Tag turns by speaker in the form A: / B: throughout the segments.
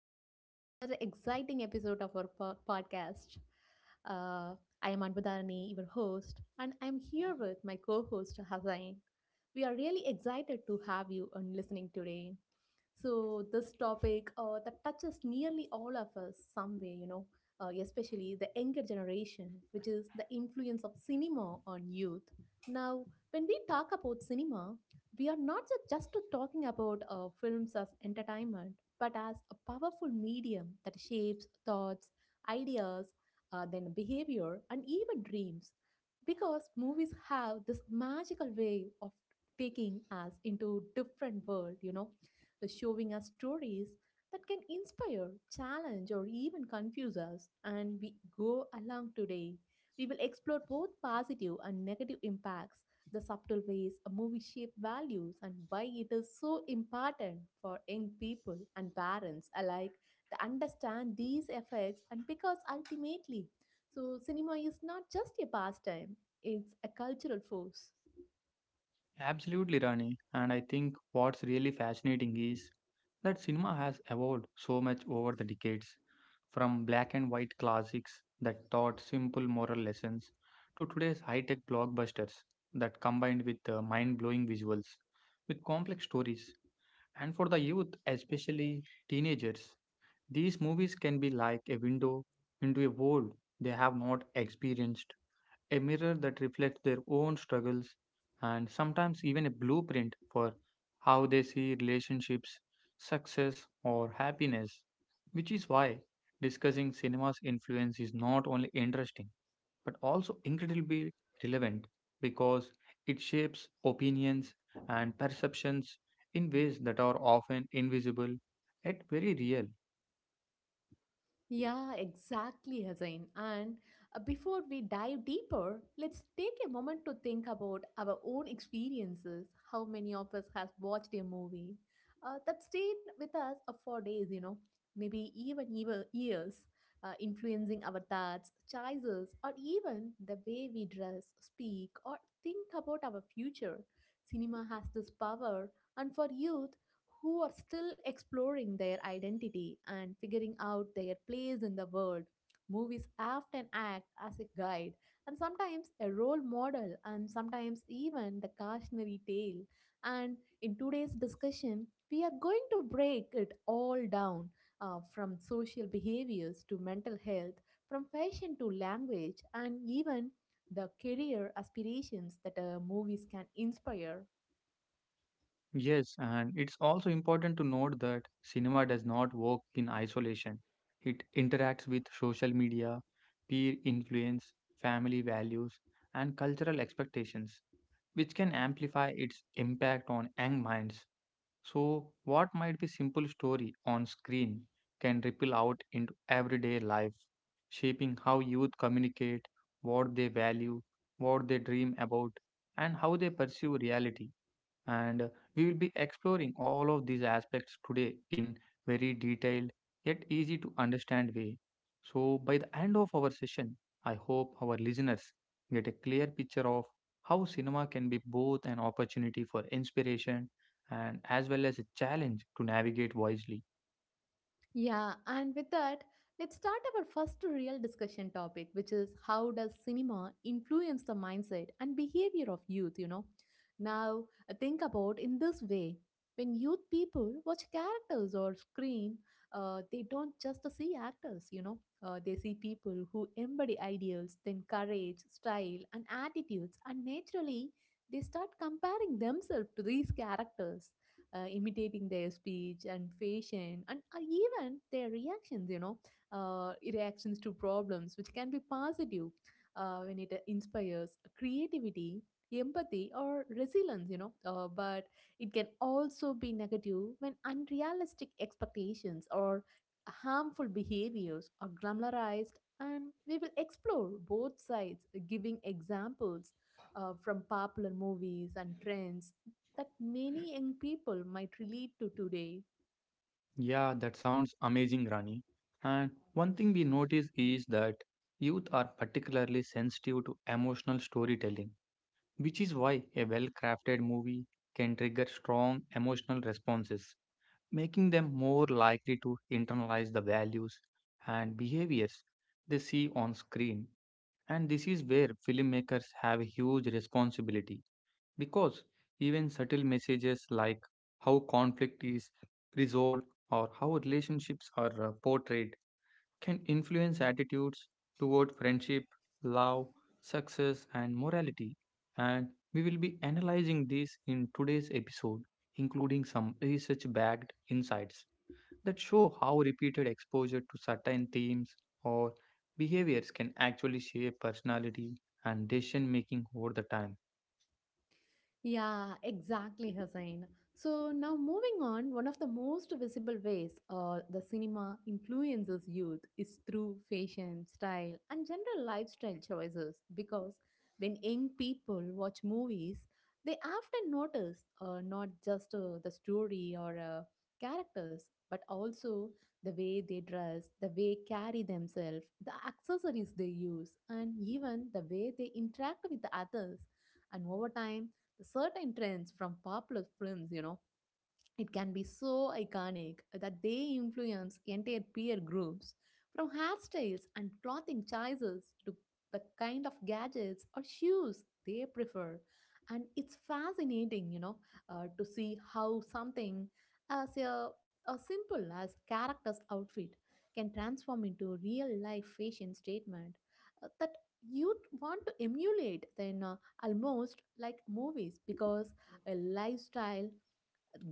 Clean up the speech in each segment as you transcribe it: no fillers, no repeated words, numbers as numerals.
A: and welcome to another exciting episode of our podcast. Uh, I am Anbudharani, your host, and I'm here with my co host, Hazain. We are really excited to have you on listening today. So, this topic that touches nearly all of us some way, you know, especially the younger generation, which is the influence of cinema on youth. Now, when we talk about cinema, we are not just talking about films as entertainment, but as a powerful medium that shapes thoughts, ideas, then behavior, and even dreams. Because movies have this magical way of taking us into different world, you know, the showing us stories that can inspire, challenge, or even confuse us. And we go along today. We will explore both positive and negative impacts, the subtle ways a movie shapes values and why it is so important for young people and parents alike to understand these effects, and because ultimately, so cinema is not just a pastime, it's a cultural force.
B: Absolutely, Rani. And I think what's really fascinating is that cinema has evolved so much over the decades, from black and white classics that taught simple moral lessons to today's high tech blockbusters that combined with mind blowing visuals, with complex stories. And for the youth, especially teenagers, these movies can be like a window into a world they have not experienced, a mirror that reflects their own struggles and sometimes even a blueprint for how they see relationships, success, or happiness. Which is why discussing cinema's influence is not only interesting but also incredibly relevant, because it shapes opinions and perceptions in ways that are often invisible yet very real.
A: Yeah, exactly, Hazin. And before we dive deeper, let's take a moment to think about our own experiences. How many of us has watched a movie that stayed with us for days, you know, maybe even years, influencing our thoughts, choices, or even the way we dress, speak, or think about our future. Cinema has this power, and for youth, who are still exploring their identity and figuring out their place in the world. Movies often act as a guide, and sometimes a role model, and sometimes even the cautionary tale. And in today's discussion, we are going to break it all down, from social behaviors to mental health, from fashion to language, and even the career aspirations that movies can inspire.
B: Yes, and it's also important to note that cinema does not work in isolation. It interacts with social media, peer influence, family values, and cultural expectations, which can amplify its impact on young minds. So, what might be simple story on screen can ripple out into everyday life, shaping how youth communicate, what they value, what they dream about, and how they perceive reality. And we will be exploring all of these aspects today in very detailed yet easy to understand way. So by the end of our session, I hope our listeners get a clear picture of how cinema can be both an opportunity for inspiration and as well as a challenge to navigate wisely.
A: Yeah, and with that, let's start our first real discussion topic, which is how does cinema influence the mindset and behavior of youth, you know? Now, think about in this way. When youth people watch characters or screen, they don't just see actors, you know. They see people who embody ideals, then courage, style, and attitudes, and naturally, they start comparing themselves to these characters, imitating their speech and fashion, and even their reactions, you know, reactions to problems, which can be positive when it inspires creativity, empathy, or resilience, you know, but it can also be negative when unrealistic expectations or harmful behaviors are glamorized. And we will explore both sides, giving examples from popular movies and trends that many young people might relate to today.
B: Yeah, that sounds amazing, Rani. And one thing we notice is that youth are particularly sensitive to emotional storytelling, which is why a well crafted movie can trigger strong emotional responses, making them more likely to internalize the values and behaviors they see on screen. And this is where filmmakers have a huge responsibility, because even subtle messages like how conflict is resolved or how relationships are portrayed can influence attitudes toward friendship, love, success, and morality. And we will be analyzing this in today's episode, including some research backed insights that show how repeated exposure to certain themes or behaviors can actually shape personality and decision making over the time.
A: Yeah, exactly, Hussain. So now moving on, one of the most visible ways the cinema influences youth is through fashion, style, and general lifestyle choices. Because when young people watch movies, they often notice not just the story or characters, but also the way they dress, the way carry themselves, the accessories they use, and even the way they interact with the others. And over time, certain trends from popular films, you know, it can be so iconic that they influence entire peer groups, from hairstyles and clothing choices to the kind of gadgets or shoes they prefer. And it's fascinating, you know, to see how something as a, as simple as character's outfit can transform into real life fashion statement that you want to emulate, then almost like movies, because a lifestyle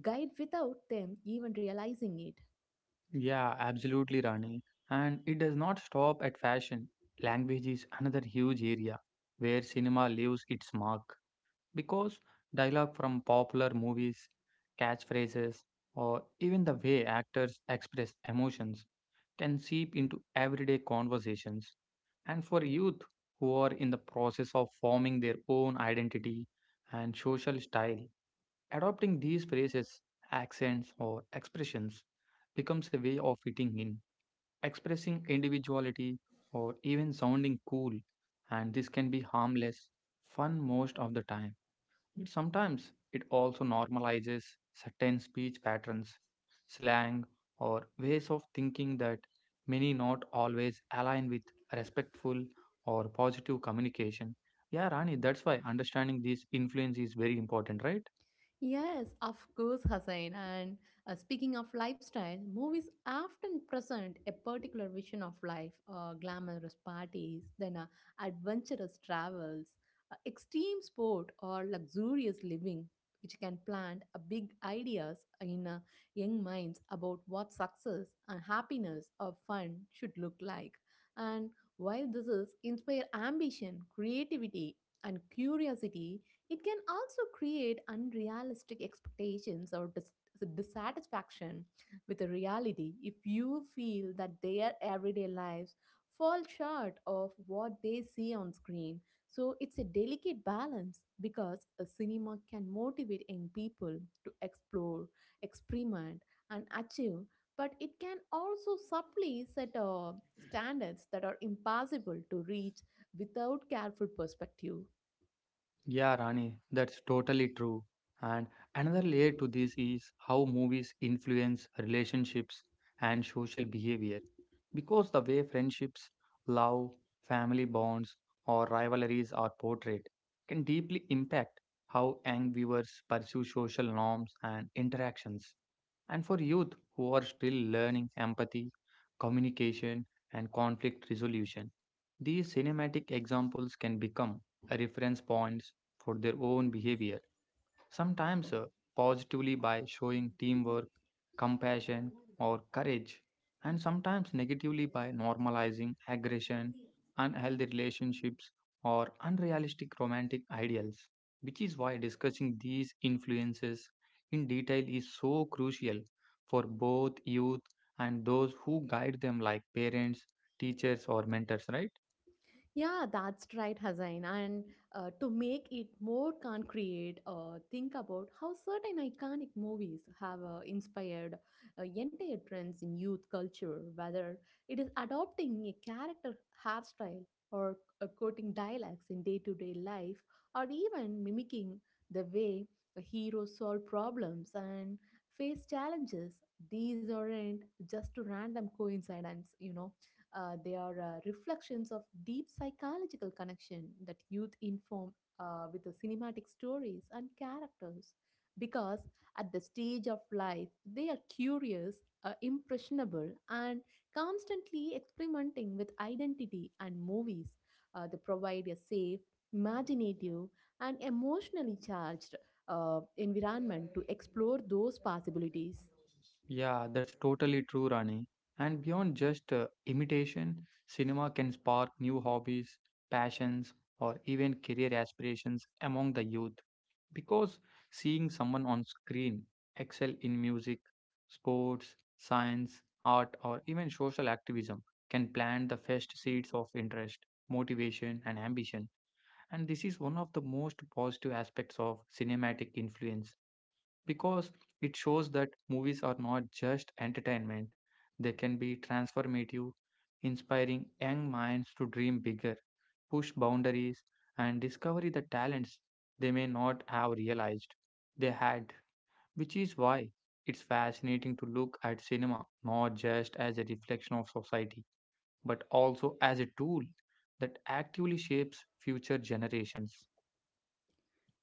A: guide without them even realizing it.
B: Yeah, absolutely, Rani. And it does not stop at fashion. Language is another huge area where cinema leaves its mark, because dialogue from popular movies, catchphrases, or even the way actors express emotions can seep into everyday conversations. And for youth who are in the process of forming their own identity and social style, adopting these phrases, accents, or expressions becomes a way of fitting in, expressing individuality, or even sounding cool. And this can be harmless, fun most of the time. Sometimes it also normalizes certain speech patterns, slang, or ways of thinking that many not always align with respectful or positive communication. Yeah, Rani, that's why understanding these influence is very important, right?
A: Yes, of course, Hussain. And speaking of lifestyle, movies often present a particular vision of life, glamorous parties, then adventurous travels, extreme sport, or luxurious living, which can plant big ideas in young minds about what success and happiness or fun should look like. And while this is inspire ambition, creativity, and curiosity, it can also create unrealistic expectations or dissatisfaction with the reality if you feel that their everyday lives fall short of what they see on screen. So it's a delicate balance, because a cinema can motivate young people to explore, experiment, and achieve, but it can also subtly set standards that are impossible to reach without careful perspective.
B: Yeah, Rani, that's totally true. And another layer to this is how movies influence relationships and social behavior. Because the way friendships, love, family bonds, or rivalries are portrayed can deeply impact how young viewers pursue social norms and interactions. And for youth who are still learning empathy, communication, and conflict resolution, these cinematic examples can become reference points for their own behavior, sometimes positively by showing teamwork, compassion, or courage, and sometimes negatively by normalizing aggression, unhealthy relationships, or unrealistic romantic ideals, which is why discussing these influences in detail is so crucial for both youth and those who guide them, like parents, teachers, or mentors, right?
A: Yeah, that's right, Hazain. And to make it more concrete, think about how certain iconic movies have inspired entire trends in youth culture, whether it is adopting a character hairstyle, or quoting dialects in day to day life, or even mimicking the way a hero solve problems and face challenges. These aren't just random coincidences, you know, they are reflections of deep psychological connection that youth inform with the cinematic stories and characters, because at the stage of life they are curious, impressionable, and constantly experimenting with identity, and movies they provide a safe, imaginative, and emotionally charged environment to explore those possibilities.
B: Yeah, that's totally true, Rani. And beyond just imitation, cinema can spark new hobbies, passions, or even career aspirations among the youth. Because seeing someone on screen excel in music, sports, science, art, or even social activism can plant the first seeds of interest, motivation, and ambition. And this is one of the most positive aspects of cinematic influence, because it shows that movies are not just entertainment, they can be transformative, inspiring young minds to dream bigger, push boundaries, and discover the talents they may not have realized they had, which is why it's fascinating to look at cinema not just as a reflection of society, but also as a tool that actively shapes future generations.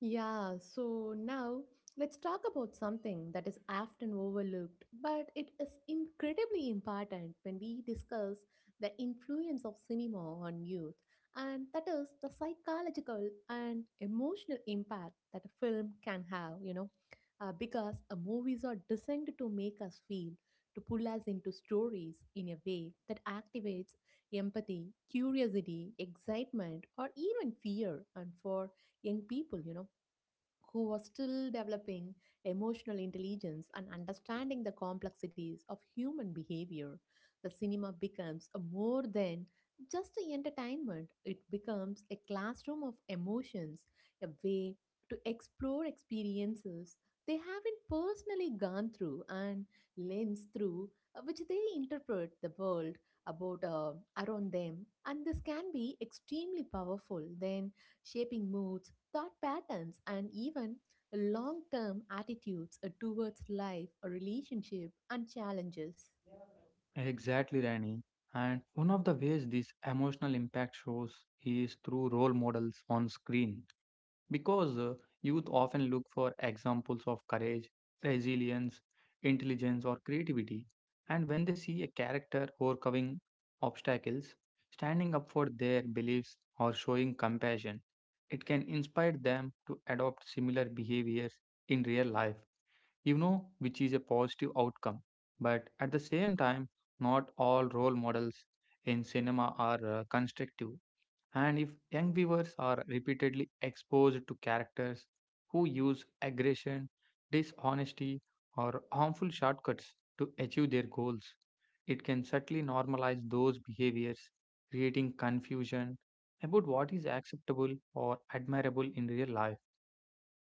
A: Yeah, so now let's talk about something that is often overlooked, but it is incredibly important when we discuss the influence of cinema on youth, and that is the psychological and emotional impact that a film can have, you know, because movies are designed to make us feel, to pull us into stories in a way that activates empathy, curiosity, excitement, or even fear, and for young people, you know, who was still developing emotional intelligence and understanding the complexities of human behavior. The cinema becomes a more than just a entertainment, it becomes a classroom of emotions, a way to explore experiences they haven't personally gone through, and lens through which they interpret the world about around them, and this can be extremely powerful then shaping moods, thought patterns, and even long term attitudes towards life, a relationship, and challenges.
B: Exactly, Rani. And one of the ways this emotional impact shows is through role models on screen. Because youth often look for examples of courage, resilience, intelligence, or creativity. And when they see a character overcoming obstacles, standing up for their beliefs, or showing compassion, it can inspire them to adopt similar behaviors in real life, you know, which is a positive outcome. But at the same time, not all role models in cinema are constructive. And if young viewers are repeatedly exposed to characters who use aggression, dishonesty, or harmful shortcuts to achieve their goals, it can subtly normalize those behaviors, creating confusion about what is acceptable or admirable in real life.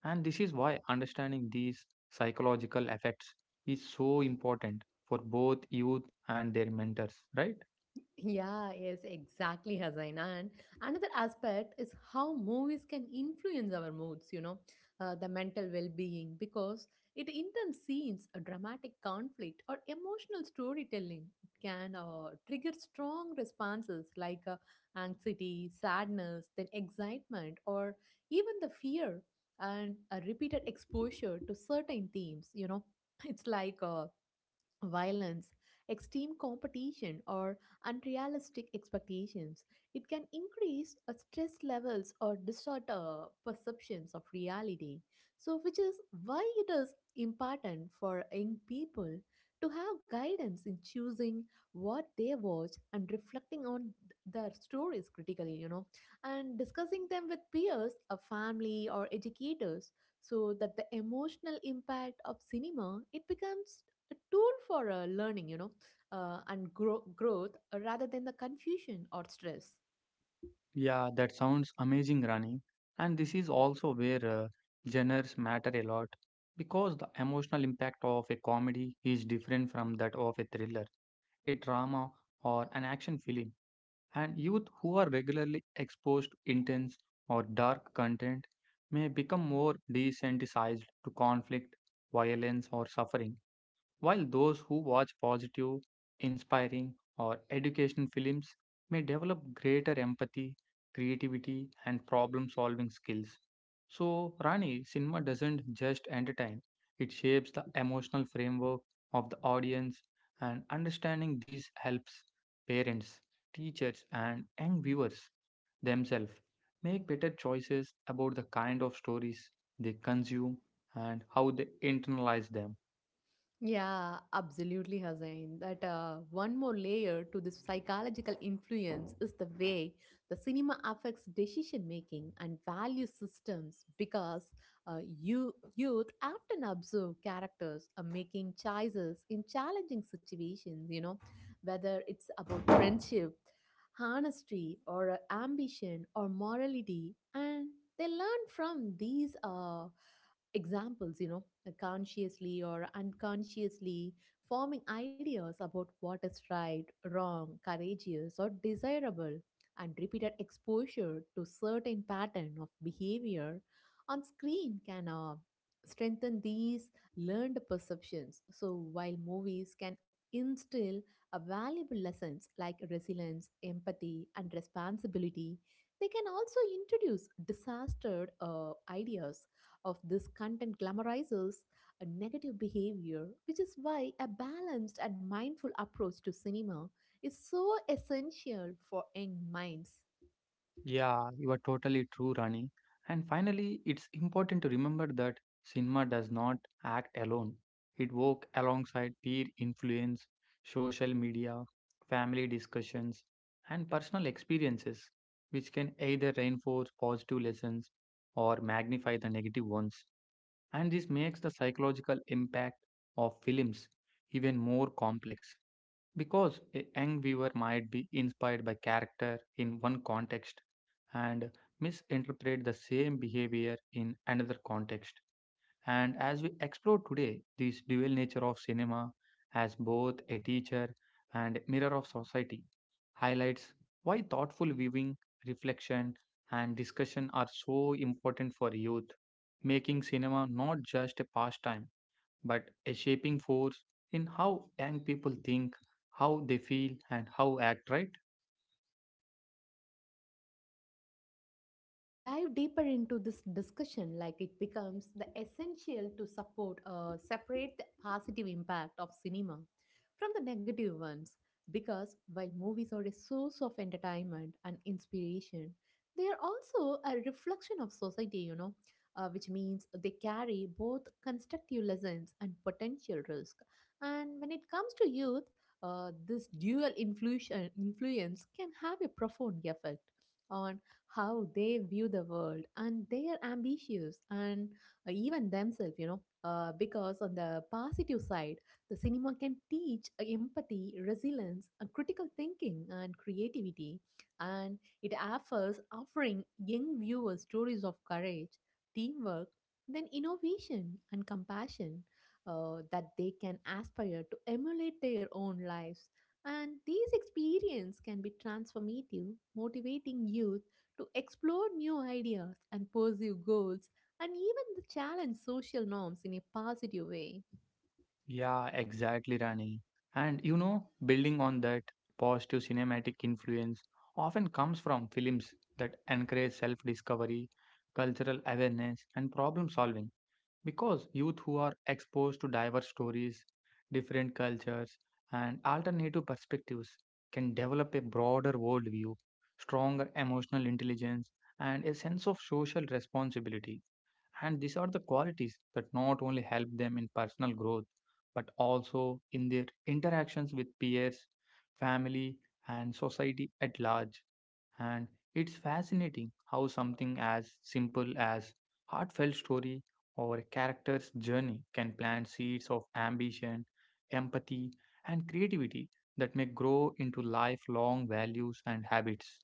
B: And this is why understanding these psychological effects is so important for both youth and their mentors, right?
A: Yeah, yes, exactly, Hassan. And another aspect is how movies can influence our moods, you know, the mental well being, because it intense scenes, a dramatic conflict, or emotional storytelling can trigger strong responses like anxiety, sadness, then excitement, or even the fear, and a repeated exposure to certain themes, you know. It's like violence, extreme competition, or unrealistic expectations. It can increase stress levels or distort perceptions of reality. So, which is why it is important for young people to have guidance in choosing what they watch and reflecting on their stories critically, you know, and discussing them with peers, a family, or educators, so that the emotional impact of cinema it becomes a tool for learning, you know, and growth rather than the confusion or stress.
B: Yeah, that sounds amazing, Rani. And this is also where genres matter a lot, because the emotional impact of a comedy is different from that of a thriller, a drama, or an action film. And youth who are regularly exposed to intense or dark content may become more desensitized to conflict, violence, or suffering. While those who watch positive, inspiring, or educational films may develop greater empathy, creativity, and problem solving skills. So, Rani, cinema doesn't just entertain, it shapes the emotional framework of the audience, and understanding this helps parents, teachers, and young viewers themselves make better choices about the kind of stories they consume and how they internalize them.
A: Yeah, absolutely, Hussain. That one more layer to this psychological influence is the way the cinema affects decision making and value systems, because youth often observe characters are making choices in challenging situations, you know, whether it's about friendship, honesty, or ambition, or morality. And they learn from these examples, you know, consciously or unconsciously forming ideas about what is right, wrong, courageous, or desirable, and repeated exposure to certain pattern of behavior on screen can strengthen these learned perceptions. So while movies can instill a valuable lessons like resilience, empathy, and responsibility, they can also introduce disaster ideas of this content glamorizes a negative behavior, which is why a balanced and mindful approach to cinema is so essential for young minds.
B: Yeah, you are totally true, Rani. And finally, it's important to remember that cinema does not act alone. It works alongside peer influence, social media, family discussions, and personal experiences, which can either reinforce positive lessons or magnify the negative ones. And this makes the psychological impact of films even more complex, because a young viewer might be inspired by character in one context and misinterpret the same behavior in another context. And as we explore today, this dual nature of cinema as both a teacher and mirror of society highlights why thoughtful viewing, reflection, and discussion are so important for youth, making cinema not just a pastime but a shaping force in how young people think, how they feel, and how act, right?
A: Yeah, that's right. So now we dive deeper into this discussion, like it becomes the essential to support, separate the positive impact of cinema from the negative ones. Because while movies are a source of entertainment and inspiration, they are also a reflection of society, you know, which means they carry both constructive lessons and potential risk. And when it comes to youth, this dual influence can have a profound effect on how they view the world and their ambitions, and even themselves, you know, because on the positive side the cinema can teach empathy, resilience, and critical thinking, and creativity, and it offers offering young viewers stories of courage, teamwork, then innovation, and compassion that they can aspire to emulate their own lives. And these experiences can be transformative, motivating youth to explore new ideas and pursue goals, and even to challenge social norms in a positive way.
B: Yeah, exactly, Rani. And you know, building on that, positive cinematic influence often comes from films that encourage self discovery, cultural awareness, and problem solving. Because youth who are exposed to diverse stories, different cultures, and alternative perspectives can develop a broader worldview, stronger emotional intelligence, and a sense of social responsibility. And these are the qualities that not only help them in personal growth, but also in their interactions with peers, family, and society at large. And it's fascinating how something as simple as heartfelt story or a character's journey can plant seeds of ambition, empathy, and creativity that may grow into lifelong values and habits.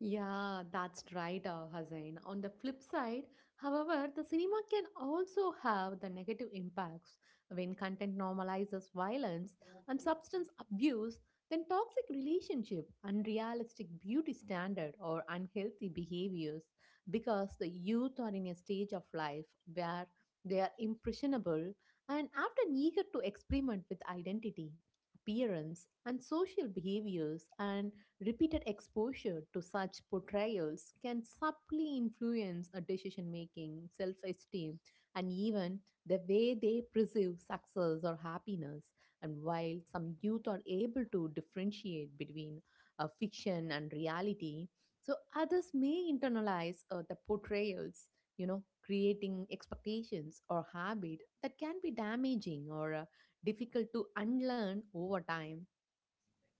A: Yeah, that's right, Hussain. On the flip side, however, the cinema can also have the negative impacts. When content normalizes violence and substance abuse, then toxic relationship, unrealistic beauty standard, or unhealthy behaviors, because the youth are in a stage of life where they are impressionable and often eager to experiment with identity, appearance, and social behaviors, and repeated exposure to such portrayals can subtly influence a decision making, self esteem, and even the way they perceive success or happiness. And while some youth are able to differentiate between fiction and reality, others may internalize the portrayals, creating expectations or habit that can be damaging or difficult to unlearn over time.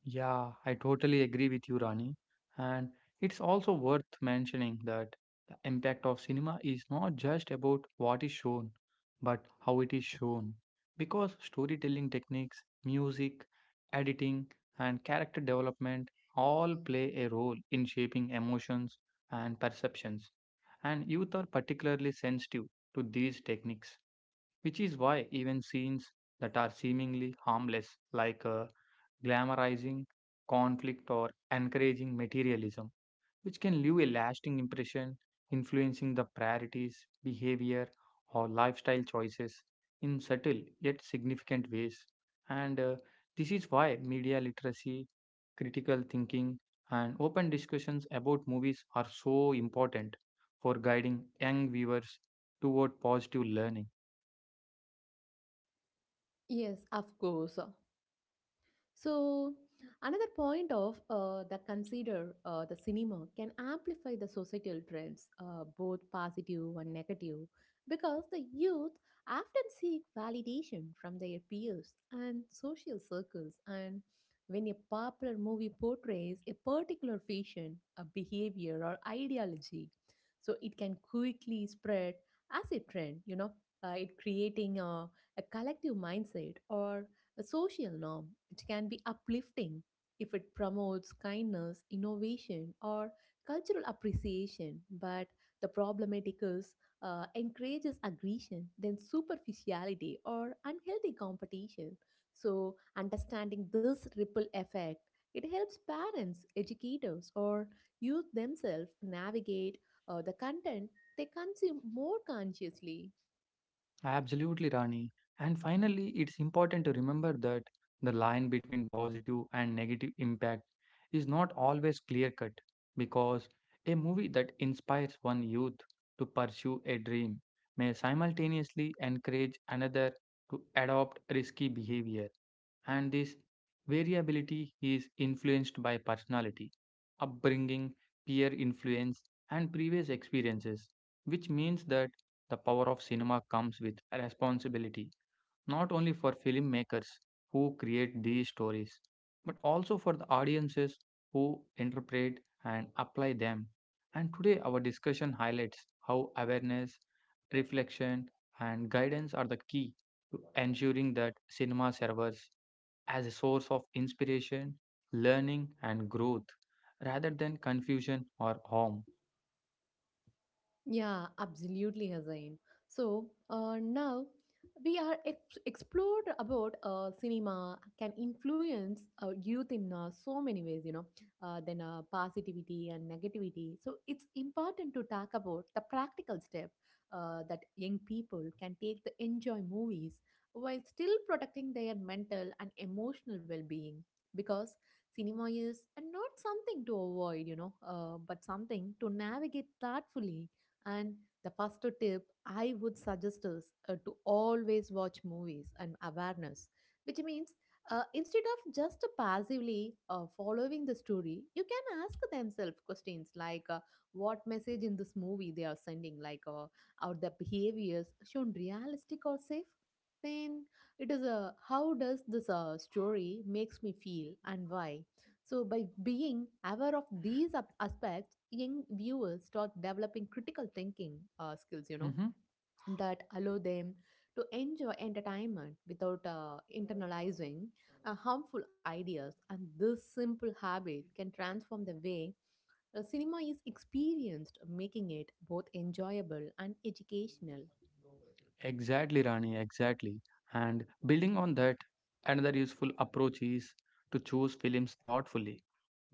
B: Yeah, I totally agree with you, Rani. And it's also worth mentioning that the impact of cinema is not just about what is shown, but how it is shown. Because storytelling techniques, music, editing, and character development all play a role in shaping emotions and perceptions. And youth are particularly sensitive to these techniques, which is why even scenes that are seemingly harmless, like glamorizing conflict or encouraging materialism, which can leave a lasting impression, influencing the priorities, behavior, or lifestyle choices in subtle yet significant ways. And this is why media literacy, critical thinking, and open discussions about movies are so important for guiding young viewers toward positive learning.
A: Yes, of course. So another point of the consider the cinema can amplify the societal trends, both positive and negative, because the youth often seek validation from their peers and social circles. And when a popular movie portrays a particular fashion, a behavior, or ideology, it can quickly spread as a trend. You know, it creating a collective mindset or a social norm. It can be uplifting if it promotes kindness, innovation, or cultural appreciation. But the problematic is encourages aggression, then superficiality or unhealthy competition. So understanding this ripple effect, it helps parents, educators, or youth themselves navigate the content they consume more consciously.
B: Absolutely, Rani. And finally, it's important to remember that the line between positive and negative impact is not always clear cut, because a movie that inspires one youth to pursue a dream may simultaneously encourage another to adopt risky behavior. And this variability is influenced by personality, upbringing, peer influence, and previous experiences, which means that the power of cinema comes with a responsibility, not only for filmmakers who create these stories, but also for the audiences who interpret and apply them. And today, our discussion highlights how awareness, reflection, and guidance are the key to ensuring that cinema serves as a source of inspiration, learning, and growth rather than confusion or harm.
A: Yeah, absolutely, Hazain. So now we are explored about cinema can influence youth in so many ways, then positivity and negativity. So it's important to talk about the practical step that young people can take to enjoy movies while still protecting their mental and emotional well-being. Because cinema is not something to avoid, but something to navigate thoughtfully, and the first tip I would suggest is to always watch movies and awareness, which means instead of just passively following the story, you can ask themselves questions like, what message in this movie they are sending, like, are the behaviors shown realistic or safe? Then it is a, how does this story makes me feel and why? So, by being aware of these aspects, young viewers start developing critical thinking skills, you know,
B: Mhm.
A: that allow them to enjoy entertainment without internalizing harmful ideas. And this simple habit can transform the way cinema is experienced, making it both enjoyable and educational.
B: Exactly, Rani, exactly. And building on that, another useful approach is to choose films thoughtfully,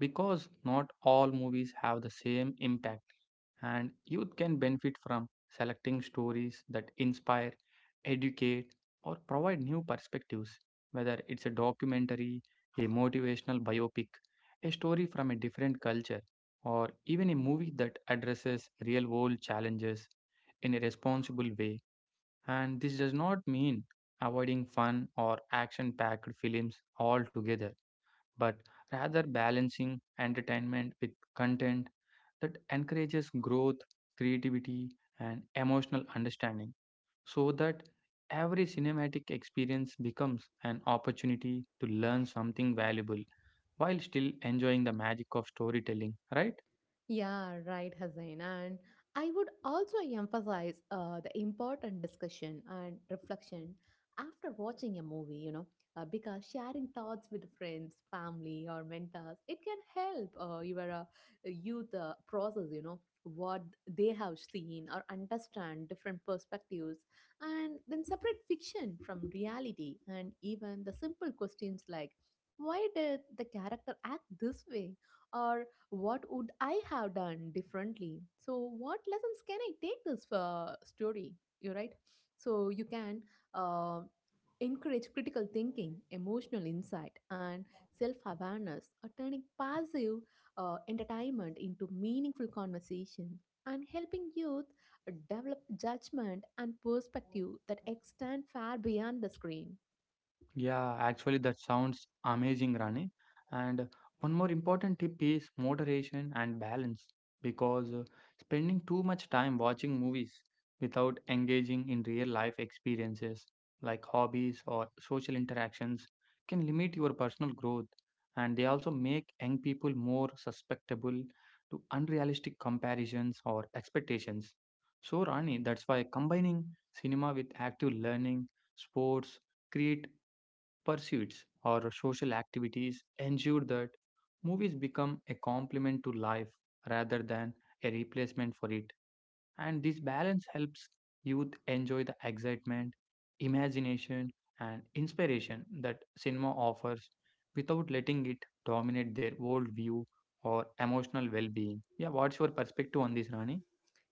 B: because not all movies have the same impact, and youth can benefit from selecting stories that inspire, educate, or provide new perspectives, whether it's a documentary, a motivational biopic, a story from a different culture, or even a movie that addresses real world challenges in a responsible way. And this does not mean avoiding fun or action packed films altogether, but rather balancing entertainment with content that encourages growth, creativity, and emotional understanding, so that every cinematic experience becomes an opportunity to learn something valuable while still enjoying the magic of storytelling, right?
A: Yeah, right, Hussain. And I would also emphasize the important discussion and reflection after watching a movie, you know, because sharing thoughts with friends, family, or mentors, it can help your youth process, you know, what they have seen or understand different perspectives, and then separate fiction from reality, and even the simple questions like, why did the character act this way? Or what would I have done differently? So, what lessons can I take this story? You're right. So, you can uh, encourage critical thinking, emotional insight, and self awareness, turning passive entertainment into meaningful conversation, and helping youth develop judgment and perspective that extend far beyond the screen.
B: Yeah, actually, that sounds amazing, Rani. And one more important tip is moderation and balance because spending too much time watching movies without engaging in real life experiences like hobbies or social interactions can limit your personal growth. And they also make young people more susceptible to unrealistic comparisons or expectations. So, Rani, that's why combining cinema with active learning, sports, create pursuits or social activities ensure that movies become a complement to life rather than a replacement for it. And this balance helps youth enjoy the excitement, imagination, and inspiration that cinema offers without letting it dominate their worldview or emotional well being. Yeah, what's your perspective on this, Rani?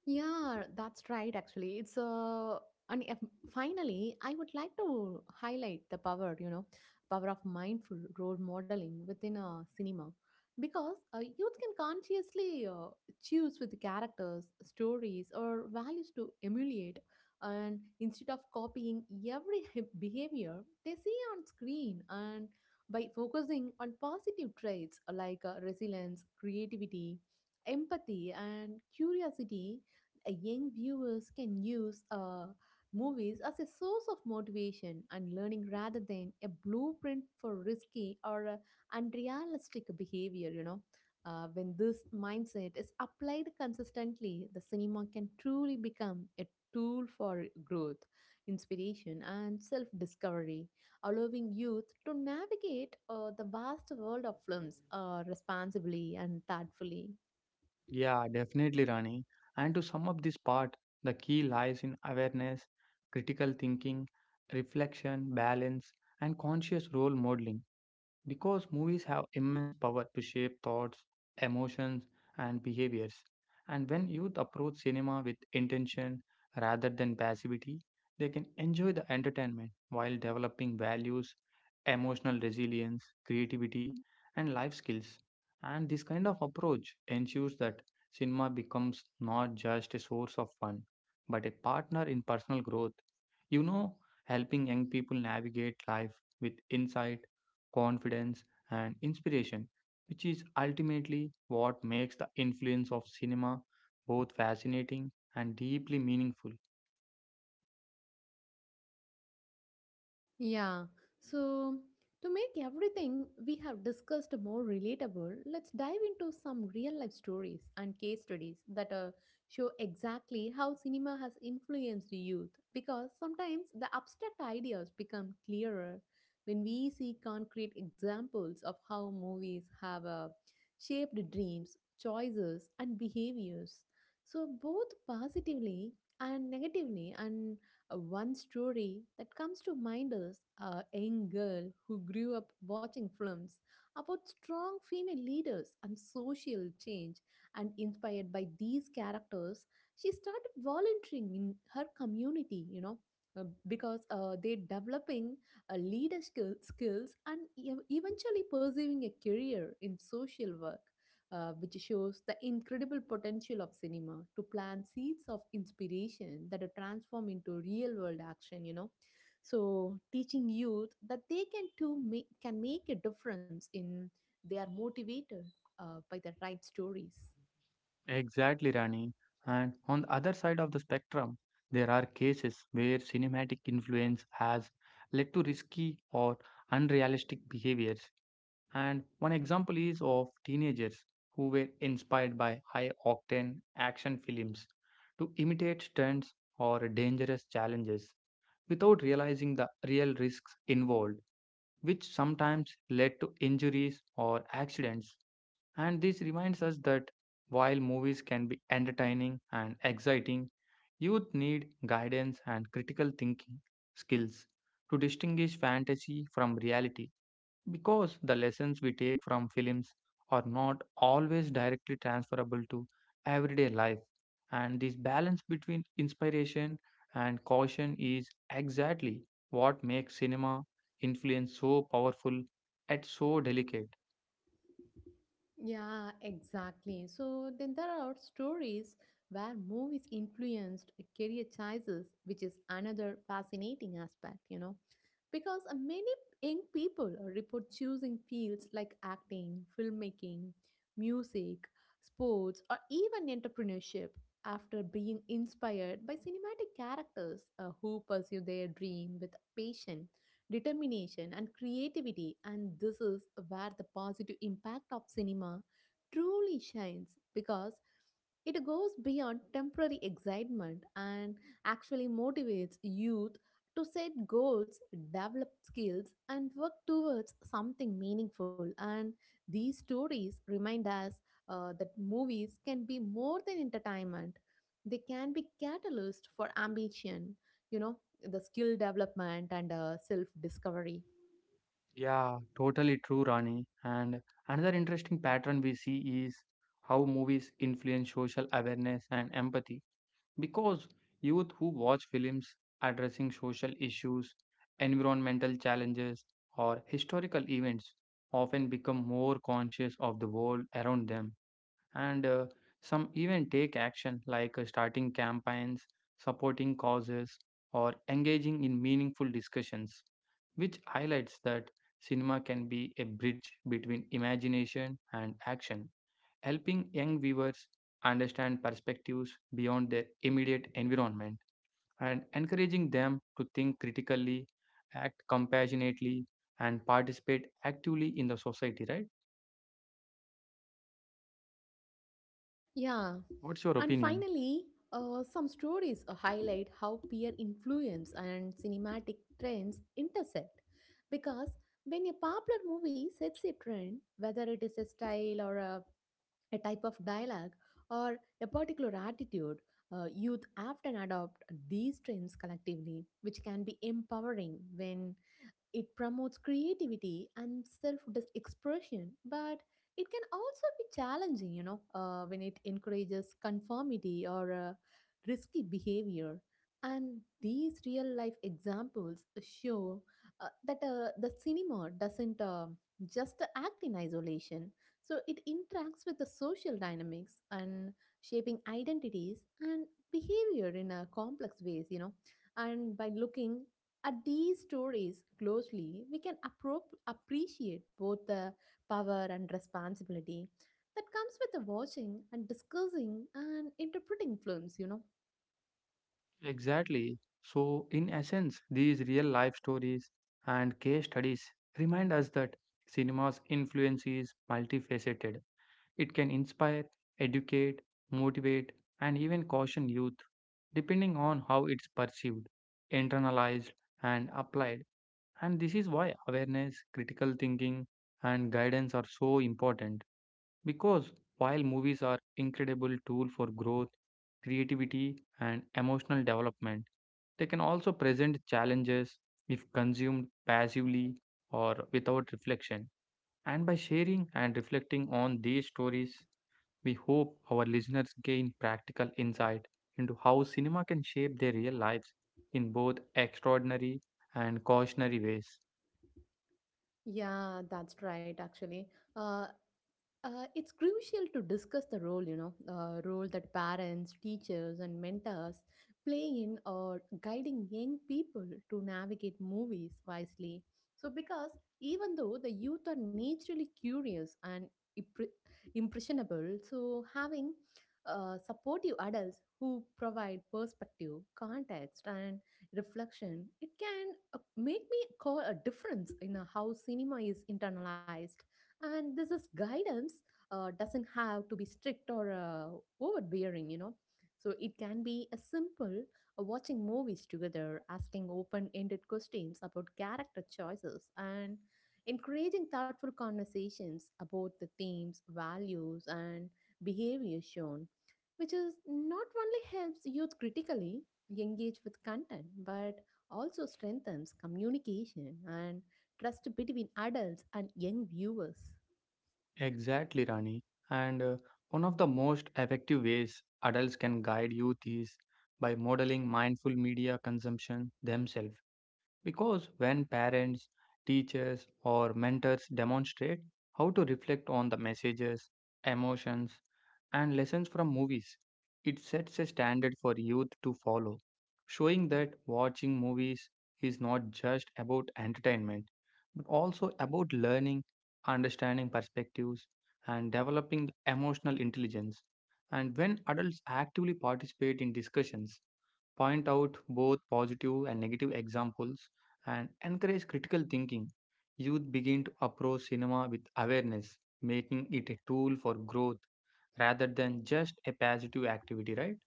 A: Yeah, that's right, actually. It's and if, finally, I would like to highlight the power, you know, power of mindful role modeling within a cinema. Because youth can consciously choose with the characters, stories, or values to emulate, and instead of copying every behavior they see on screen, and by focusing on positive traits like, resilience, creativity, empathy, and curiosity, a young viewers can use movies as a source of motivation and learning rather than a blueprint for risky or unrealistic behavior, you know, when this mindset is applied consistently, the cinema can truly become a tool for growth, inspiration, and self discovery, allowing youth to navigate the vast world of films responsibly and thoughtfully.
B: Yeah, definitely, Rani. And to sum up this part, the key lies in awareness, critical thinking, reflection, balance, and conscious role modeling. Because movies have immense power to shape thoughts, emotions, and behaviors. And when youth approach cinema with intention rather than passivity, they can enjoy the entertainment while developing values, emotional resilience, creativity, and life skills. And this kind of approach ensures that cinema becomes not just a source of fun, but a partner in personal growth. You know, helping young people navigate life with insight confidence, and inspiration, which is ultimately what makes the influence of cinema both fascinating and deeply meaningful.
A: Yeah. So, to make everything we have discussed more relatable, let's dive into some real life stories and case studies that show exactly how cinema has influenced youth. Because sometimes the abstract ideas become clearer when we see concrete examples of how movies have shaped dreams, choices, and behaviors. So, both positively and negatively, and one story that comes to mind is a young girl who grew up watching films about strong female leaders and social change. And inspired by these characters, she started volunteering in her community, you know, because they're developing skills and eventually pursuing a career in social work, which shows the incredible potential of cinema to plant seeds of inspiration that are transformed into real world action, you know, so teaching youth that they can too make, can make a difference in they are motivated by the right stories.
B: Exactly, Rani. And on the other side of the spectrum, there are cases where cinematic influence has led to risky or unrealistic behaviors. And one example is of teenagers who were inspired by high octane action films to imitate stunts or dangerous challenges, without realizing the real risks involved, which sometimes led to injuries or accidents. And this reminds us that while movies can be entertaining and exciting, youth need guidance and critical thinking skills to distinguish fantasy from reality because the lessons we take from films are not always directly transferable to everyday life. And this balance between inspiration and caution is exactly what makes cinema influence so powerful yet so delicate.
A: Yeah, exactly. So then there are stories where movies influenced career choices, which is another fascinating aspect, you know, because many young people report choosing fields like acting, filmmaking, music, sports, or even entrepreneurship after being inspired by cinematic characters who pursue their dream with passion, determination, and creativity, and this is where the positive impact of cinema truly shines, because it goes beyond temporary excitement and actually motivates youth to set goals, develop skills, and work towards something meaningful. And these stories remind us that movies can be more than entertainment, they can be catalyst for ambition, you know, the skill development and self discovery.
B: Yeah, totally true, Rani. And another interesting pattern we see is how movies influence social awareness and empathy. Because youth who watch films addressing social issues, environmental challenges, or historical events often become more conscious of the world around them. And some even take action like starting campaigns, supporting causes, or engaging in meaningful discussions, which highlights that cinema can be a bridge between imagination and action helping young viewers understand perspectives beyond their immediate environment and encouraging them to think critically, act compassionately, and participate actively in the society, right?
A: Yeah.
B: What's your
A: And
B: opinion?
A: finally, some stories highlight how peer influence and cinematic trends intersect. Because when a popular movie sets a trend, whether it is a style or a type of dialogue or a particular attitude, youth often adopt these trends collectively, which can be empowering when it promotes creativity and self expression, but it can also be challenging, you know, when it encourages conformity or risky behavior. And these real life examples show that the cinema doesn't just act in isolation. So it interacts with the social dynamics and shaping identities and behavior in a complex ways, you know. And by looking at these stories closely, we can appreciate both the power and responsibility that comes with the watching and discussing and interpreting films, you know.
B: Exactly. So, in essence, these real life stories and case studies remind us that cinema's influence is multifaceted. It can inspire, educate, motivate, and even caution youth, depending on how it's perceived, internalized, and applied. And this is why awareness, critical thinking, and guidance are so important. Because while movies are incredible tool for growth, creativity, and emotional development, they can also present challenges if consumed passively or without reflection. And by sharing and reflecting on these stories, we hope our listeners gain practical insight into how cinema can shape their real lives in both extraordinary and cautionary ways.
A: Yeah, that's right, actually. Uh, it's crucial to discuss the role, you know, role that parents, teachers, and mentors play in or guiding young people to navigate movies wisely. So, because even though the youth are naturally curious and impre- impressionable, so having supportive adults who provide perspective, context, and reflection, it can make me call a difference in how cinema is internalized, and this is guidance doesn't have to be strict or overbearing, you know. So it can be a simple watching movies together, asking open ended questions about character choices, and encouraging thoughtful conversations about the themes, values, and behavior shown, which is not only helps youth critically engage with content, but also strengthens communication and trust between adults and young viewers.
B: Exactly, Rani. And one of the most effective ways adults can guide youth is by modeling mindful media consumption themselves. Because when parents, teachers, or mentors demonstrate how to reflect on the messages, emotions, and lessons from movies, it sets a standard for youth to follow, showing that watching movies is not just about entertainment, but also about learning, understanding perspectives, and developing emotional intelligence. And when adults actively participate in discussions, point out both positive and negative examples, and encourage critical thinking, youth begin to approach cinema with awareness, making it a tool for growth rather than just a passive activity, right?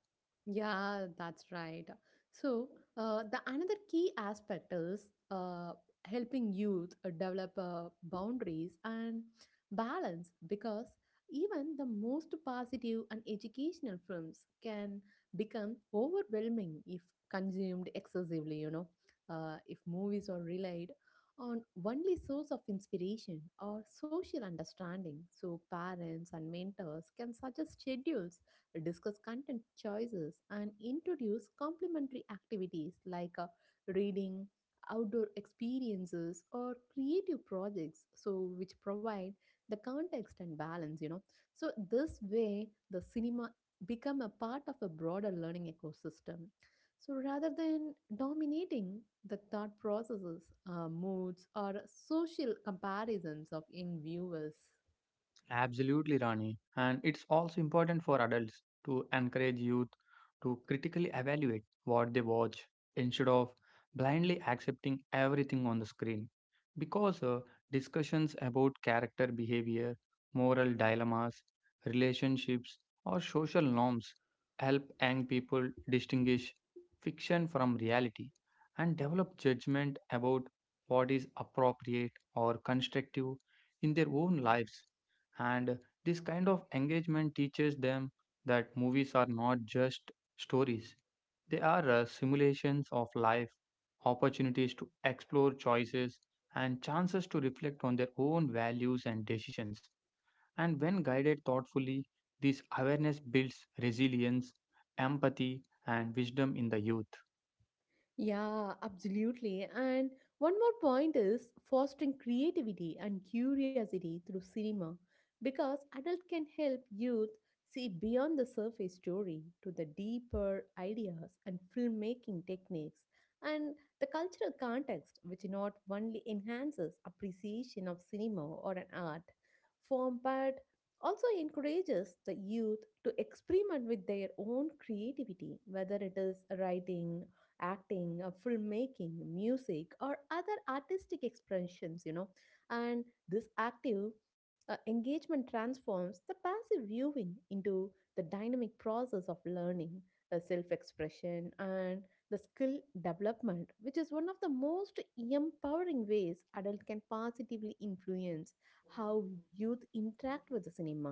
A: Yeah, that's right. So, the another key aspect is helping youth develop boundaries and balance, because even the most positive and educational films can become overwhelming if consumed excessively, you know, if movies are relied on only source of inspiration or social understanding, so parents and mentors can suggest schedules, discuss content choices, and introduce complementary activities like, reading, outdoor experiences, or creative projects, so which provide the context and balance, you know. So this way, the cinema become a part of a broader learning ecosystem. So rather than dominating the thought processes, moods, or social comparisons of young viewers.
B: Absolutely, Rani. And it's also important for adults to encourage youth to critically evaluate what they watch instead of blindly accepting everything on the screen. Because discussions about character behavior, moral dilemmas, relationships, or social norms help young people distinguish fiction from reality and develop judgment about what is appropriate or constructive in their own lives. And this kind of engagement teaches them that movies are not just stories, they are simulations of life, opportunities to explore choices, and chances to reflect on their own values and decisions. And when guided thoughtfully, this awareness builds resilience, empathy, and wisdom in the youth.
A: Yeah, absolutely. And one more point is fostering creativity and curiosity through cinema, because adult can help youth see beyond the surface story to the deeper ideas and filmmaking techniques and the cultural context, which not only enhances appreciation of cinema or an art form but also encourages the youth to experiment with their own creativity, whether it is writing, acting, filmmaking, music, or other artistic expressions, you know. And this active engagement transforms the passive viewing into the dynamic process of learning, self expression, and the skill development, which is one of the most empowering ways adults can positively influence how youth interact with the cinema.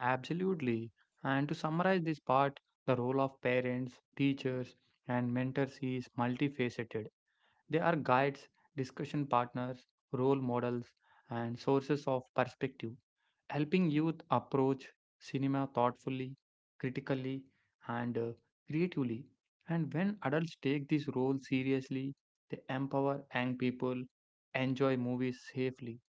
B: Absolutely. And to summarize this part, the role of parents, teachers, and mentors is multifaceted. They are guides, discussion partners, role models, and sources of perspective, helping youth approach cinema thoughtfully, critically, and creatively. And when adults take this role seriously, they empower young people, enjoy movies safely,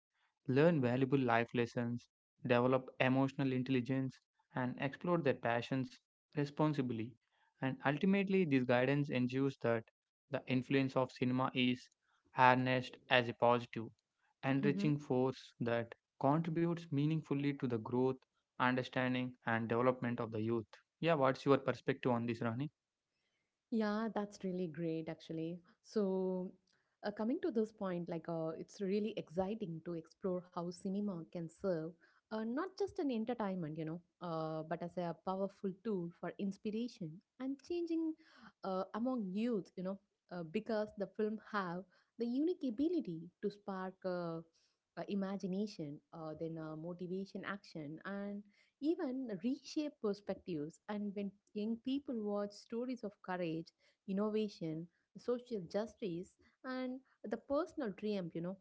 B: learn valuable life lessons, develop emotional intelligence, and explore their passions responsibly. And ultimately, this guidance ensures that the influence of cinema is harnessed as a positive,
A: Hmm.
B: enriching force that contributes meaningfully to the growth, understanding, and development of the youth. Yeah, what's your perspective on this, Rani?
A: Yeah, that's really great, actually. So, coming to this point, like, it's really exciting to explore how cinema can serve not just an entertainment, you know, but as a powerful tool for inspiration and changing among youth, you know, because the film have the unique ability to spark imagination, then motivation, action, and even reshape perspectives. And when young people watch stories of courage, innovation, social justice, and the personal triumph, you know,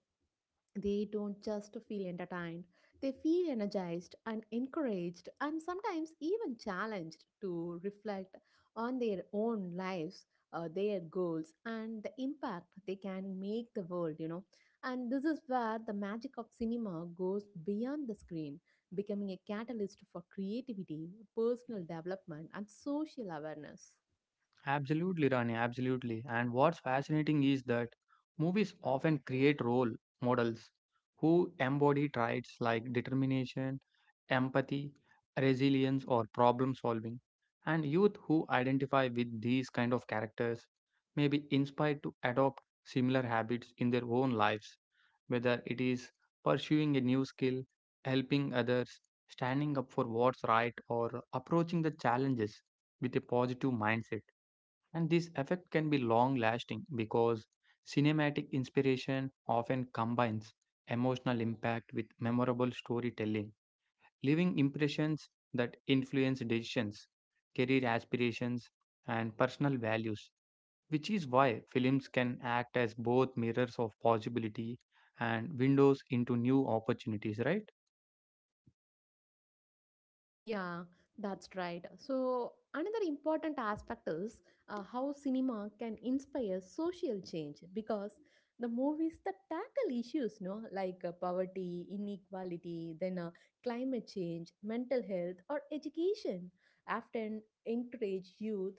A: they don't just feel entertained, they feel energized and encouraged, and sometimes even challenged to reflect on their own lives, their goals, and the impact they can make the world, you know. And this is where the magic of cinema goes beyond the screen, becoming a catalyst for creativity, personal development, and social awareness.
B: Absolutely, Rani, absolutely. And what's fascinating is that movies often create role models who embody traits like determination, empathy, resilience, or problem solving. And youth who identify with these kind of characters may be inspired to adopt similar habits in their own lives, whether it is pursuing a new skill, helping others, standing up for what's right, or approaching the challenges with a positive mindset. And this effect can be long lasting because cinematic inspiration often combines emotional impact with memorable storytelling, leaving impressions that influence decisions, career aspirations, and personal values, which is why films can act as both mirrors of possibility and windows into new opportunities, right?
A: Yeah, that's right. So, another important aspect is how cinema can inspire social change, because the movies that tackle issues, no, like, poverty, inequality, then climate change, mental health, or education, often encourage youth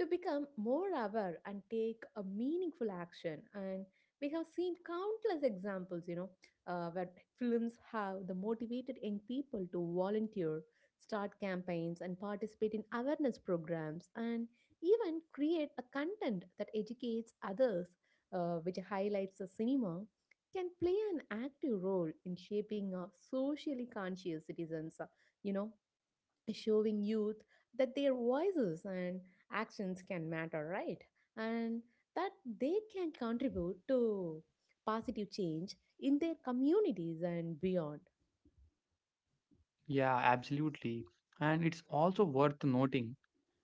A: to become more aware and take a meaningful action. And we have seen countless examples, where films have the motivated young people to volunteer, start campaigns, and participate in awareness programs, and even create a content that educates others, which highlights the cinema can play an active role in shaping a socially conscious citizens, you know showing youth that their voices and actions can matter, right, and that they can contribute to positive change in their communities and beyond.
B: Yeah, absolutely. And it's also worth noting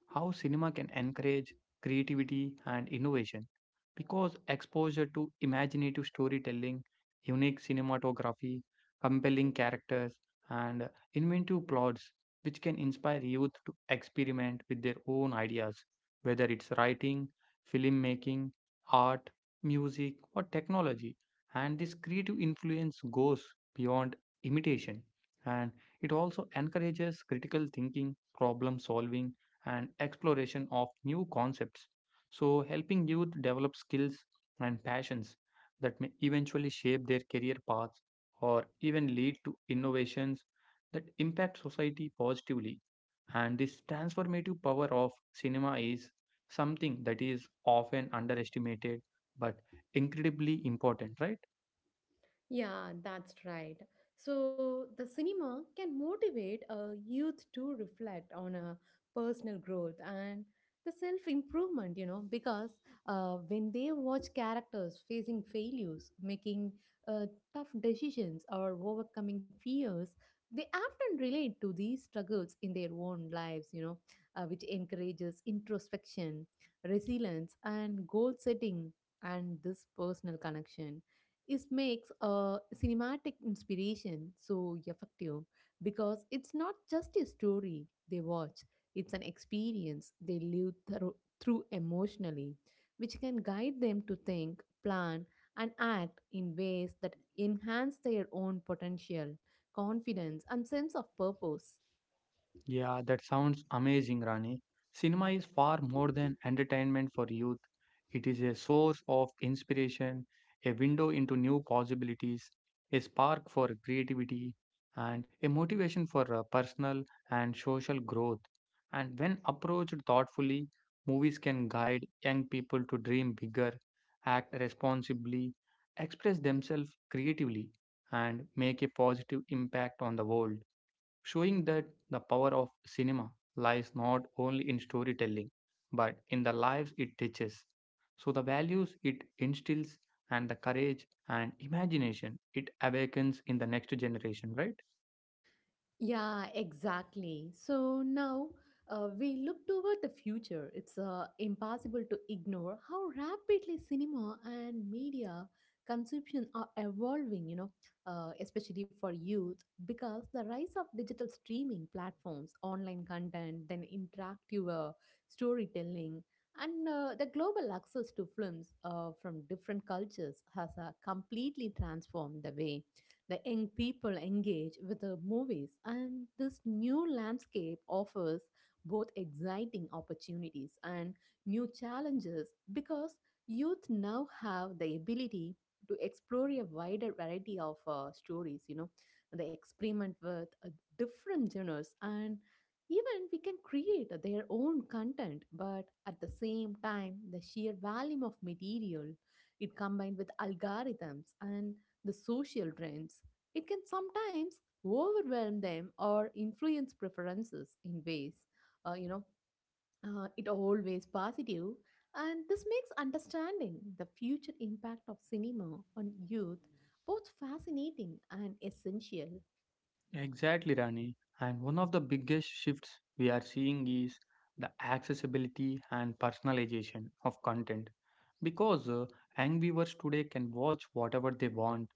B: how cinema can encourage creativity and innovation because exposure to imaginative storytelling, unique cinematography, compelling characters, and inventive plots, which can inspire youth to experiment with their own ideas, whether it's writing, filmmaking, art, music, or technology. And this creative influence goes beyond imitation and it also encourages critical thinking, problem solving, and exploration of new concepts. So, helping youth develop skills and passions that may eventually shape their career paths or even lead to innovations that impact society positively. And this transformative power of cinema is something that is often underestimated but incredibly important, right?
A: Yeah, that's right. So the cinema can motivate a youth to reflect on a personal growth and the self improvement, because when they watch characters facing failures, making uh, tough decisions, or overcoming fears, they often relate to these struggles in their own lives, which encourages introspection, resilience, and goal setting, and this personal connection. It makes a cinematic inspiration so effective because it's not just a story they watch, it's an experience they live through emotionally, which can guide them to think, plan, and act in ways that enhance their own potential, confidence, and sense of purpose.
B: Yeah, that sounds amazing, Rani. Cinema is far more than entertainment for youth. It is a source of inspiration, a window into new possibilities, a spark for creativity, and a motivation for personal and social growth. And when approached thoughtfully, movies can guide young people to dream bigger, act responsibly, express themselves creatively, and make a positive impact on the world showing that the power of cinema lies not only in storytelling but in the lives it teaches. So, the values it instills and the courage and imagination it awakens in the next generation, right?
A: Yeah, exactly. So now we look toward the future. It's impossible to ignore how rapidly cinema and media consumption are evolving, especially for youth, because the rise of digital streaming platforms, online content, then interactive storytelling, and the global access to films from different cultures has completely transformed the way the young people engage with the movies, and this new landscape offers both exciting opportunities and new challenges because youth now have the ability to explore a wider variety of stories, you know, they experiment with different genres and even we can create their own content, but at the same time the sheer volume of material, it combined with algorithms and the social trends. It can sometimes overwhelm them or influence preferences in ways, uh, you know, it always positive. And this makes understanding the future impact of cinema on youth both fascinating and essential.
B: Exactly, Rani. And one of the biggest shifts we are seeing is the accessibility and personalization of content. Because angry birds today can watch whatever they want,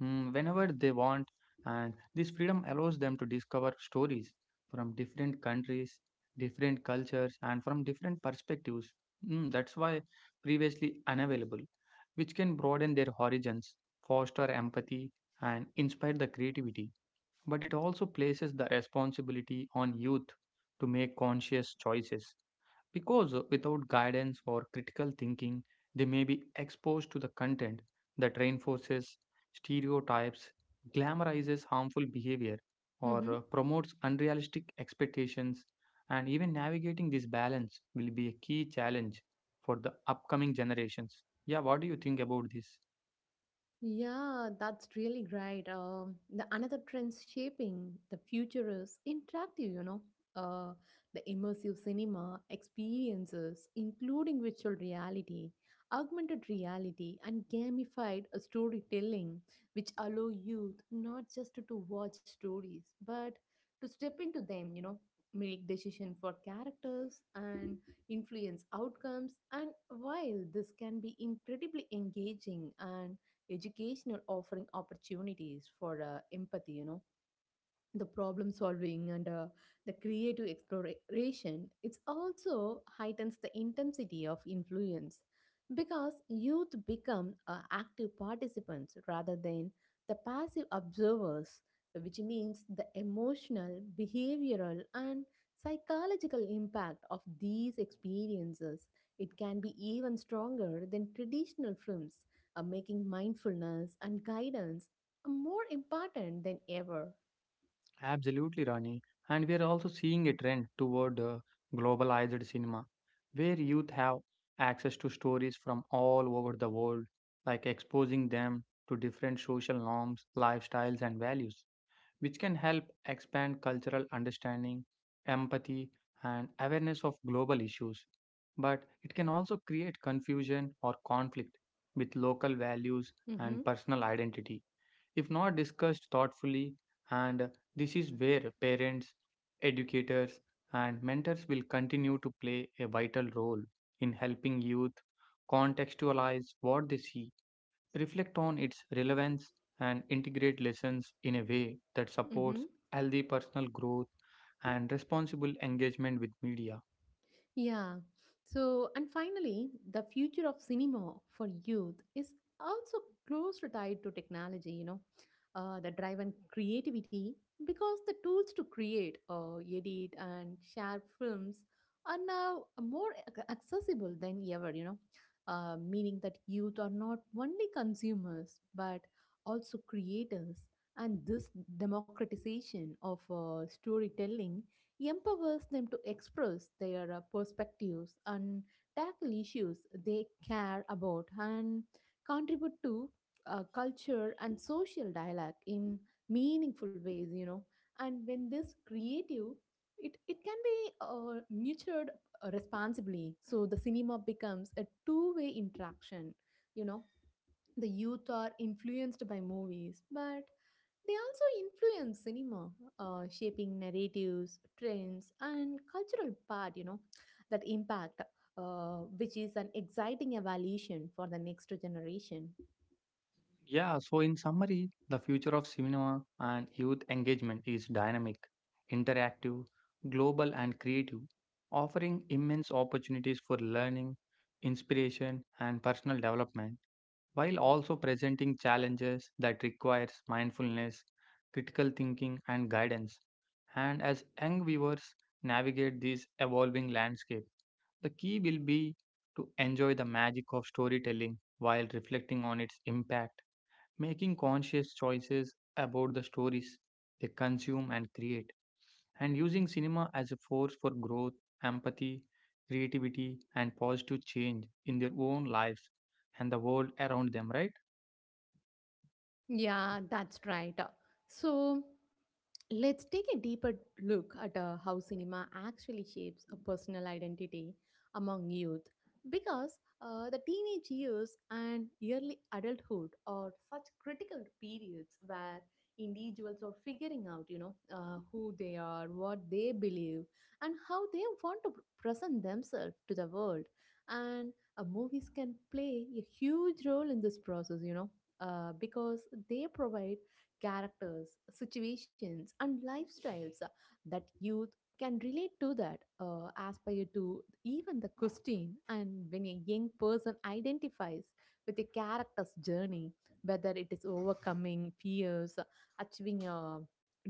B: mm, whenever they want, and this freedom allows them to discover stories from different countries, different cultures, and from different perspectives, mm, that's why previously unavailable, which can broaden their horizons, foster empathy, and inspire the creativity, but it also places the responsibility on youth to make conscious choices because without guidance or critical thinking, they may be exposed to the content that reinforces stereotypes, glamorizes harmful behavior,
A: Mhm.
B: or promotes unrealistic expectations. And even navigating this balance will be a key challenge for the upcoming generations. Yeah, what do you think about this?
A: Yeah, that's really great. The another trend shaping the future is interactive. You know, uh, the immersive cinema experiences, including virtual reality, augmented reality, and gamified storytelling, which allow youth not just to watch stories but to step into them. You know, make decision for characters and influence outcomes. And while this can be incredibly engaging and educational, offering opportunities for empathy, you know, the problem solving and the creative exploration, it also heightens the intensity of influence because youth become active participants rather than the passive observers, which means the emotional, behavioral, and psychological impact of these experiences, it can be even stronger than traditional films, making mindfulness and guidance more important than ever.
B: Absolutely, Rani. And we are also seeing a trend toward globalized cinema, where youth have access to stories from all over the world, like exposing them to different social norms, lifestyles, and values which can help expand cultural understanding, empathy, and awareness of global issues. But it can also create confusion or conflict with local values and
A: Mhm.
B: personal identity if not discussed thoughtfully. And this is where parents, educators, and mentors will continue to play a vital role in helping youth contextualize what they see reflect on its relevance, and integrate lessons in a way that
A: Mm-hmm.
B: supports healthy personal growth and responsible engagement with media.
A: Yeah. So, and finally, the future of cinema for youth is also closely tied to technology, the drive and creativity, because the tools to create, edit, and share films are now more accessible than ever, meaning that youth are not only consumers but also creators. And this democratization of storytelling empowers them to express their perspectives and tackle issues they care about and contribute to culture and social dialogue in meaningful ways, you know, and when this creative it can be nurtured responsibly, so the cinema becomes a two-way interaction, you know, the youth are influenced by movies but they also influence cinema, shaping narratives, trends, and cultural part, you know, that impact, which is an exciting evolution for the next generation.
B: Yeah, so in summary, the future of cinema and youth engagement is dynamic, interactive, global, and creative, offering immense opportunities for learning, inspiration, and personal development, while also presenting challenges that requires mindfulness, critical thinking, and guidance. And as young viewers navigate this evolving landscape, the key will be to enjoy the magic of storytelling while reflecting on its impact making conscious choices about the stories they consume and create, and using cinema as a force for growth, empathy, creativity, and positive change in their own lives and the world around them, right?
A: Yeah, that's right. So let's take a deeper look at how cinema actually shapes a personal identity among youth because the teenage years and early adulthood are such critical periods where individuals are figuring out, you know, who they are, what they believe, and how they want to present themselves to the world, and movies can play a huge role in this process, you know, because they provide characters, situations, and lifestyles that youth can relate to, that aspire to, even the question, and when a young person identifies with a character's journey, whether it is overcoming fears, achieving a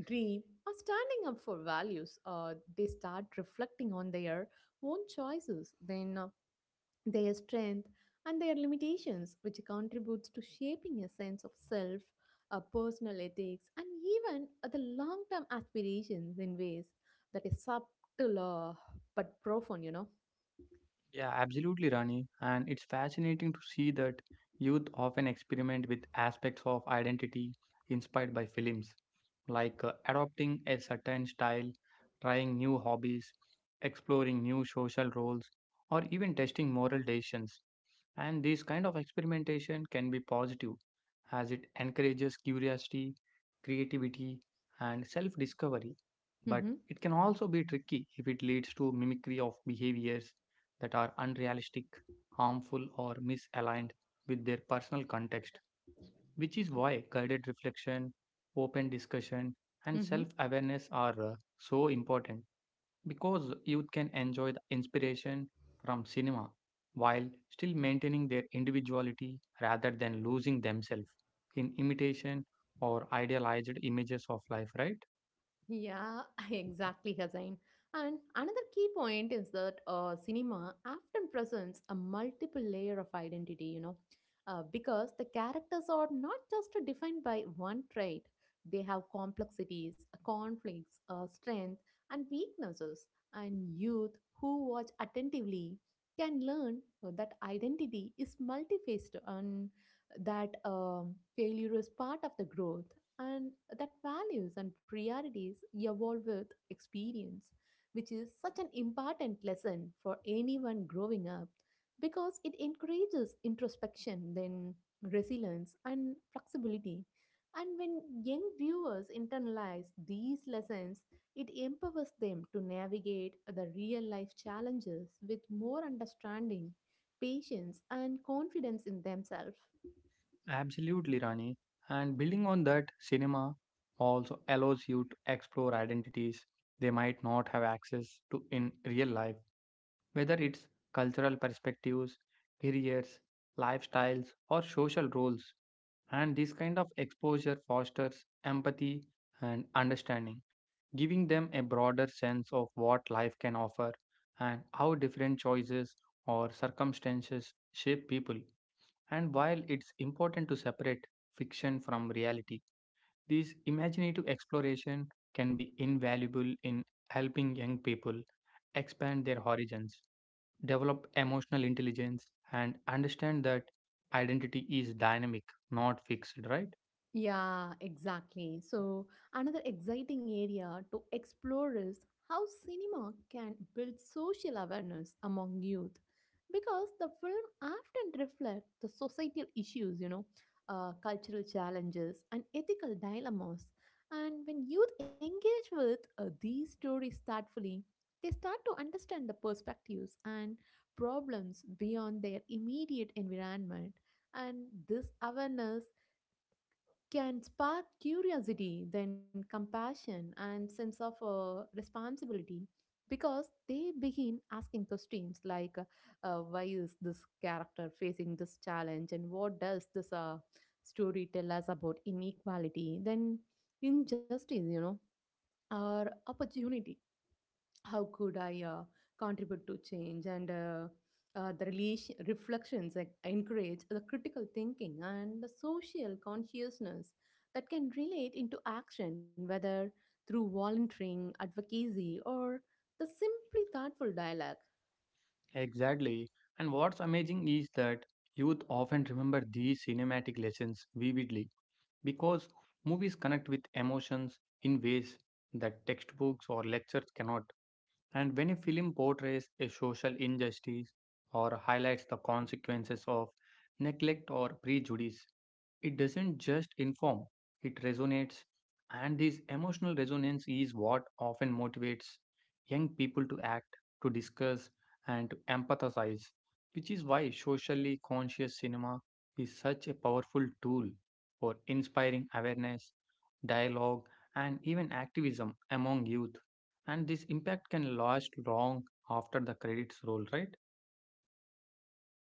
A: dream, or standing up for values, they start reflecting on their own choices, then their strength and their limitations, which contributes to shaping a sense of self, a personal ethics, and even the long term aspirations in ways that is subtle, uh, but profound, you know.
B: Yeah, absolutely, Rani. And it's fascinating to see that youth often experiment with aspects of identity inspired by films, like adopting a certain style, trying new hobbies, exploring new social roles, or even testing moral decisions. And this kind of experimentation can be positive as it encourages curiosity, creativity, and self discovery.
A: Mm-hmm.
B: But it can also be tricky if it leads to mimicry of behaviors that are unrealistic, harmful, or misaligned with their personal context, which is why guided reflection, open discussion, and self awareness are so important because youth can enjoy the inspiration from cinema while still maintaining their individuality rather than losing themselves in imitation or idealized images of life, right?
A: Yeah, exactly, Hazain. And another key point is that cinema often presents a multiple layer of identity, you know, because the characters are not just defined by one trait. They have complexities, conflicts, strength, and weaknesses. And youth who watch attentively can learn that identity is multifaced and that failure is part of the growth, and that values and priorities evolve with experience, which is such an important lesson for anyone growing up because it encourages introspection, then resilience and flexibility. And when young viewers internalize these lessons, it empowers them to navigate the real life challenges with more understanding, patience, and confidence in themselves.
B: Absolutely, Rani. And building on that, cinema also allows you to explore identities they might not have access to in real life, whether it's cultural perspectives, careers, lifestyles, or social roles. And this kind of exposure fosters empathy and understanding, giving them a broader sense of what life can offer and how different choices or circumstances shape people. And while it's important to separate fiction from reality, this imaginative exploration can be invaluable in helping young people expand their horizons, develop emotional intelligence, and understand that identity is dynamic, not fixed, right?
A: Yeah, exactly. So, another exciting area to explore is how cinema can build social awareness among youth because the film often reflects the societal issues, you know, cultural challenges, and ethical dilemmas. And when youth engage with these stories thoughtfully, they start to understand the perspectives and problems beyond their immediate environment. And this awareness can spark curiosity, then compassion and sense of responsibility, because they begin asking questions like why is this character facing this challenge, and what does this story tell us about inequality, then injustice, you know, or opportunity, how could I contribute to change, and the relation, reflections that encourage the critical thinking and the social consciousness that can relate into action, whether through volunteering, advocacy, or the simply thoughtful dialogue.
B: Exactly. And what's amazing is that youth often remember these cinematic lessons vividly because movies connect with emotions in ways that textbooks or lectures cannot. And when a film portrays a social injustice or highlights the consequences of neglect or prejudice, it doesn't just inform, it resonates. And this emotional resonance is what often motivates young people to act, to discuss, and to empathize, which is why socially conscious cinema is such a powerful tool for inspiring awareness, dialogue, and even activism among youth. And this impact can last long after the credits roll, right?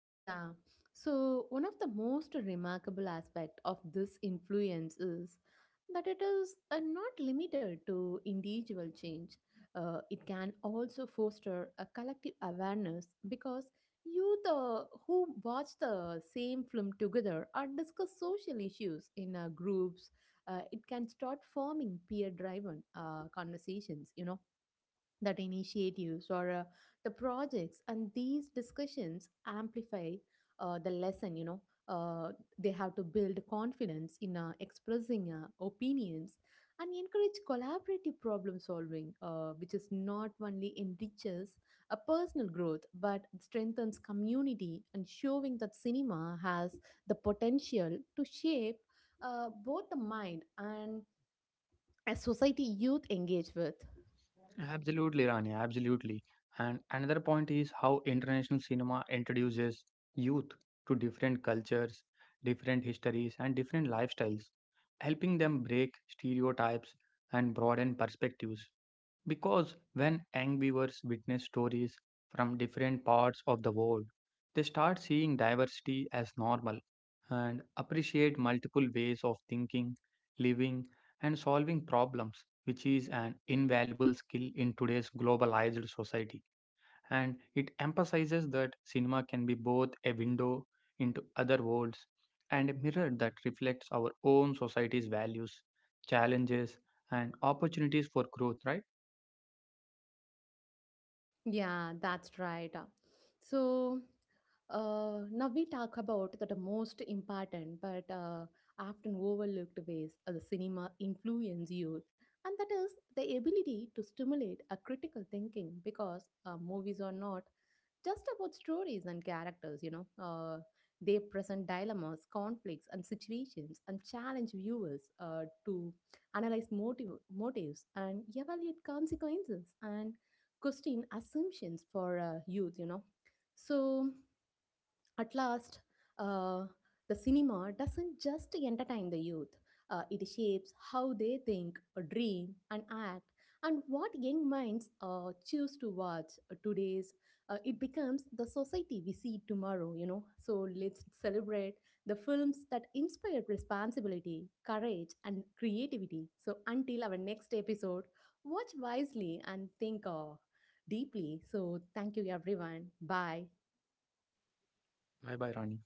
A: Yeah. So one of the most remarkable aspect of this influence is that it is not limited to individual change. It can also foster a collective awareness because youth who watch the same film together or discuss social issues in groups, it can start forming peer-driven conversations. You know, that initiatives or the projects, and these discussions amplify the lesson, uh, they have to build confidence in expressing opinions and encourage collaborative problem solving, which is not only enriches a personal growth but strengthens community, and showing that cinema has the potential to shape both the mind and as society youth engage with.
B: Absolutely, Rani, absolutely. And another point is how international cinema introduces youth to different cultures, different histories, and different lifestyles, helping them break stereotypes and broaden perspectives. Because when young viewers witness stories from different parts of the world, they start seeing diversity as normal and appreciate multiple ways of thinking, living, and solving problems, which is an invaluable skill in today's globalized society. And it emphasizes that cinema can be both a window into other worlds and a mirror that reflects our own society's values, challenges, and opportunities for growth, right?
A: Yeah, that's right. So now we talk about the most important but often overlooked ways of the cinema influence youth, and that is the ability to stimulate a critical thinking because movies are not just about stories and characters, you know. They present dilemmas, conflicts, and situations and challenge viewers to analyze motive, motives and evaluate consequences and question assumptions for youth, you know. So, at last, uh, the cinema doesn't just entertain the youth, it shapes how they think, dream, and act, and what young minds choose to watch today's. It becomes the society we see tomorrow, you know. So let's celebrate the films that inspire responsibility, courage, and creativity. So until our next episode, watch wisely and think deeply. So thank you, everyone. Bye.
B: Bye bye, Rani.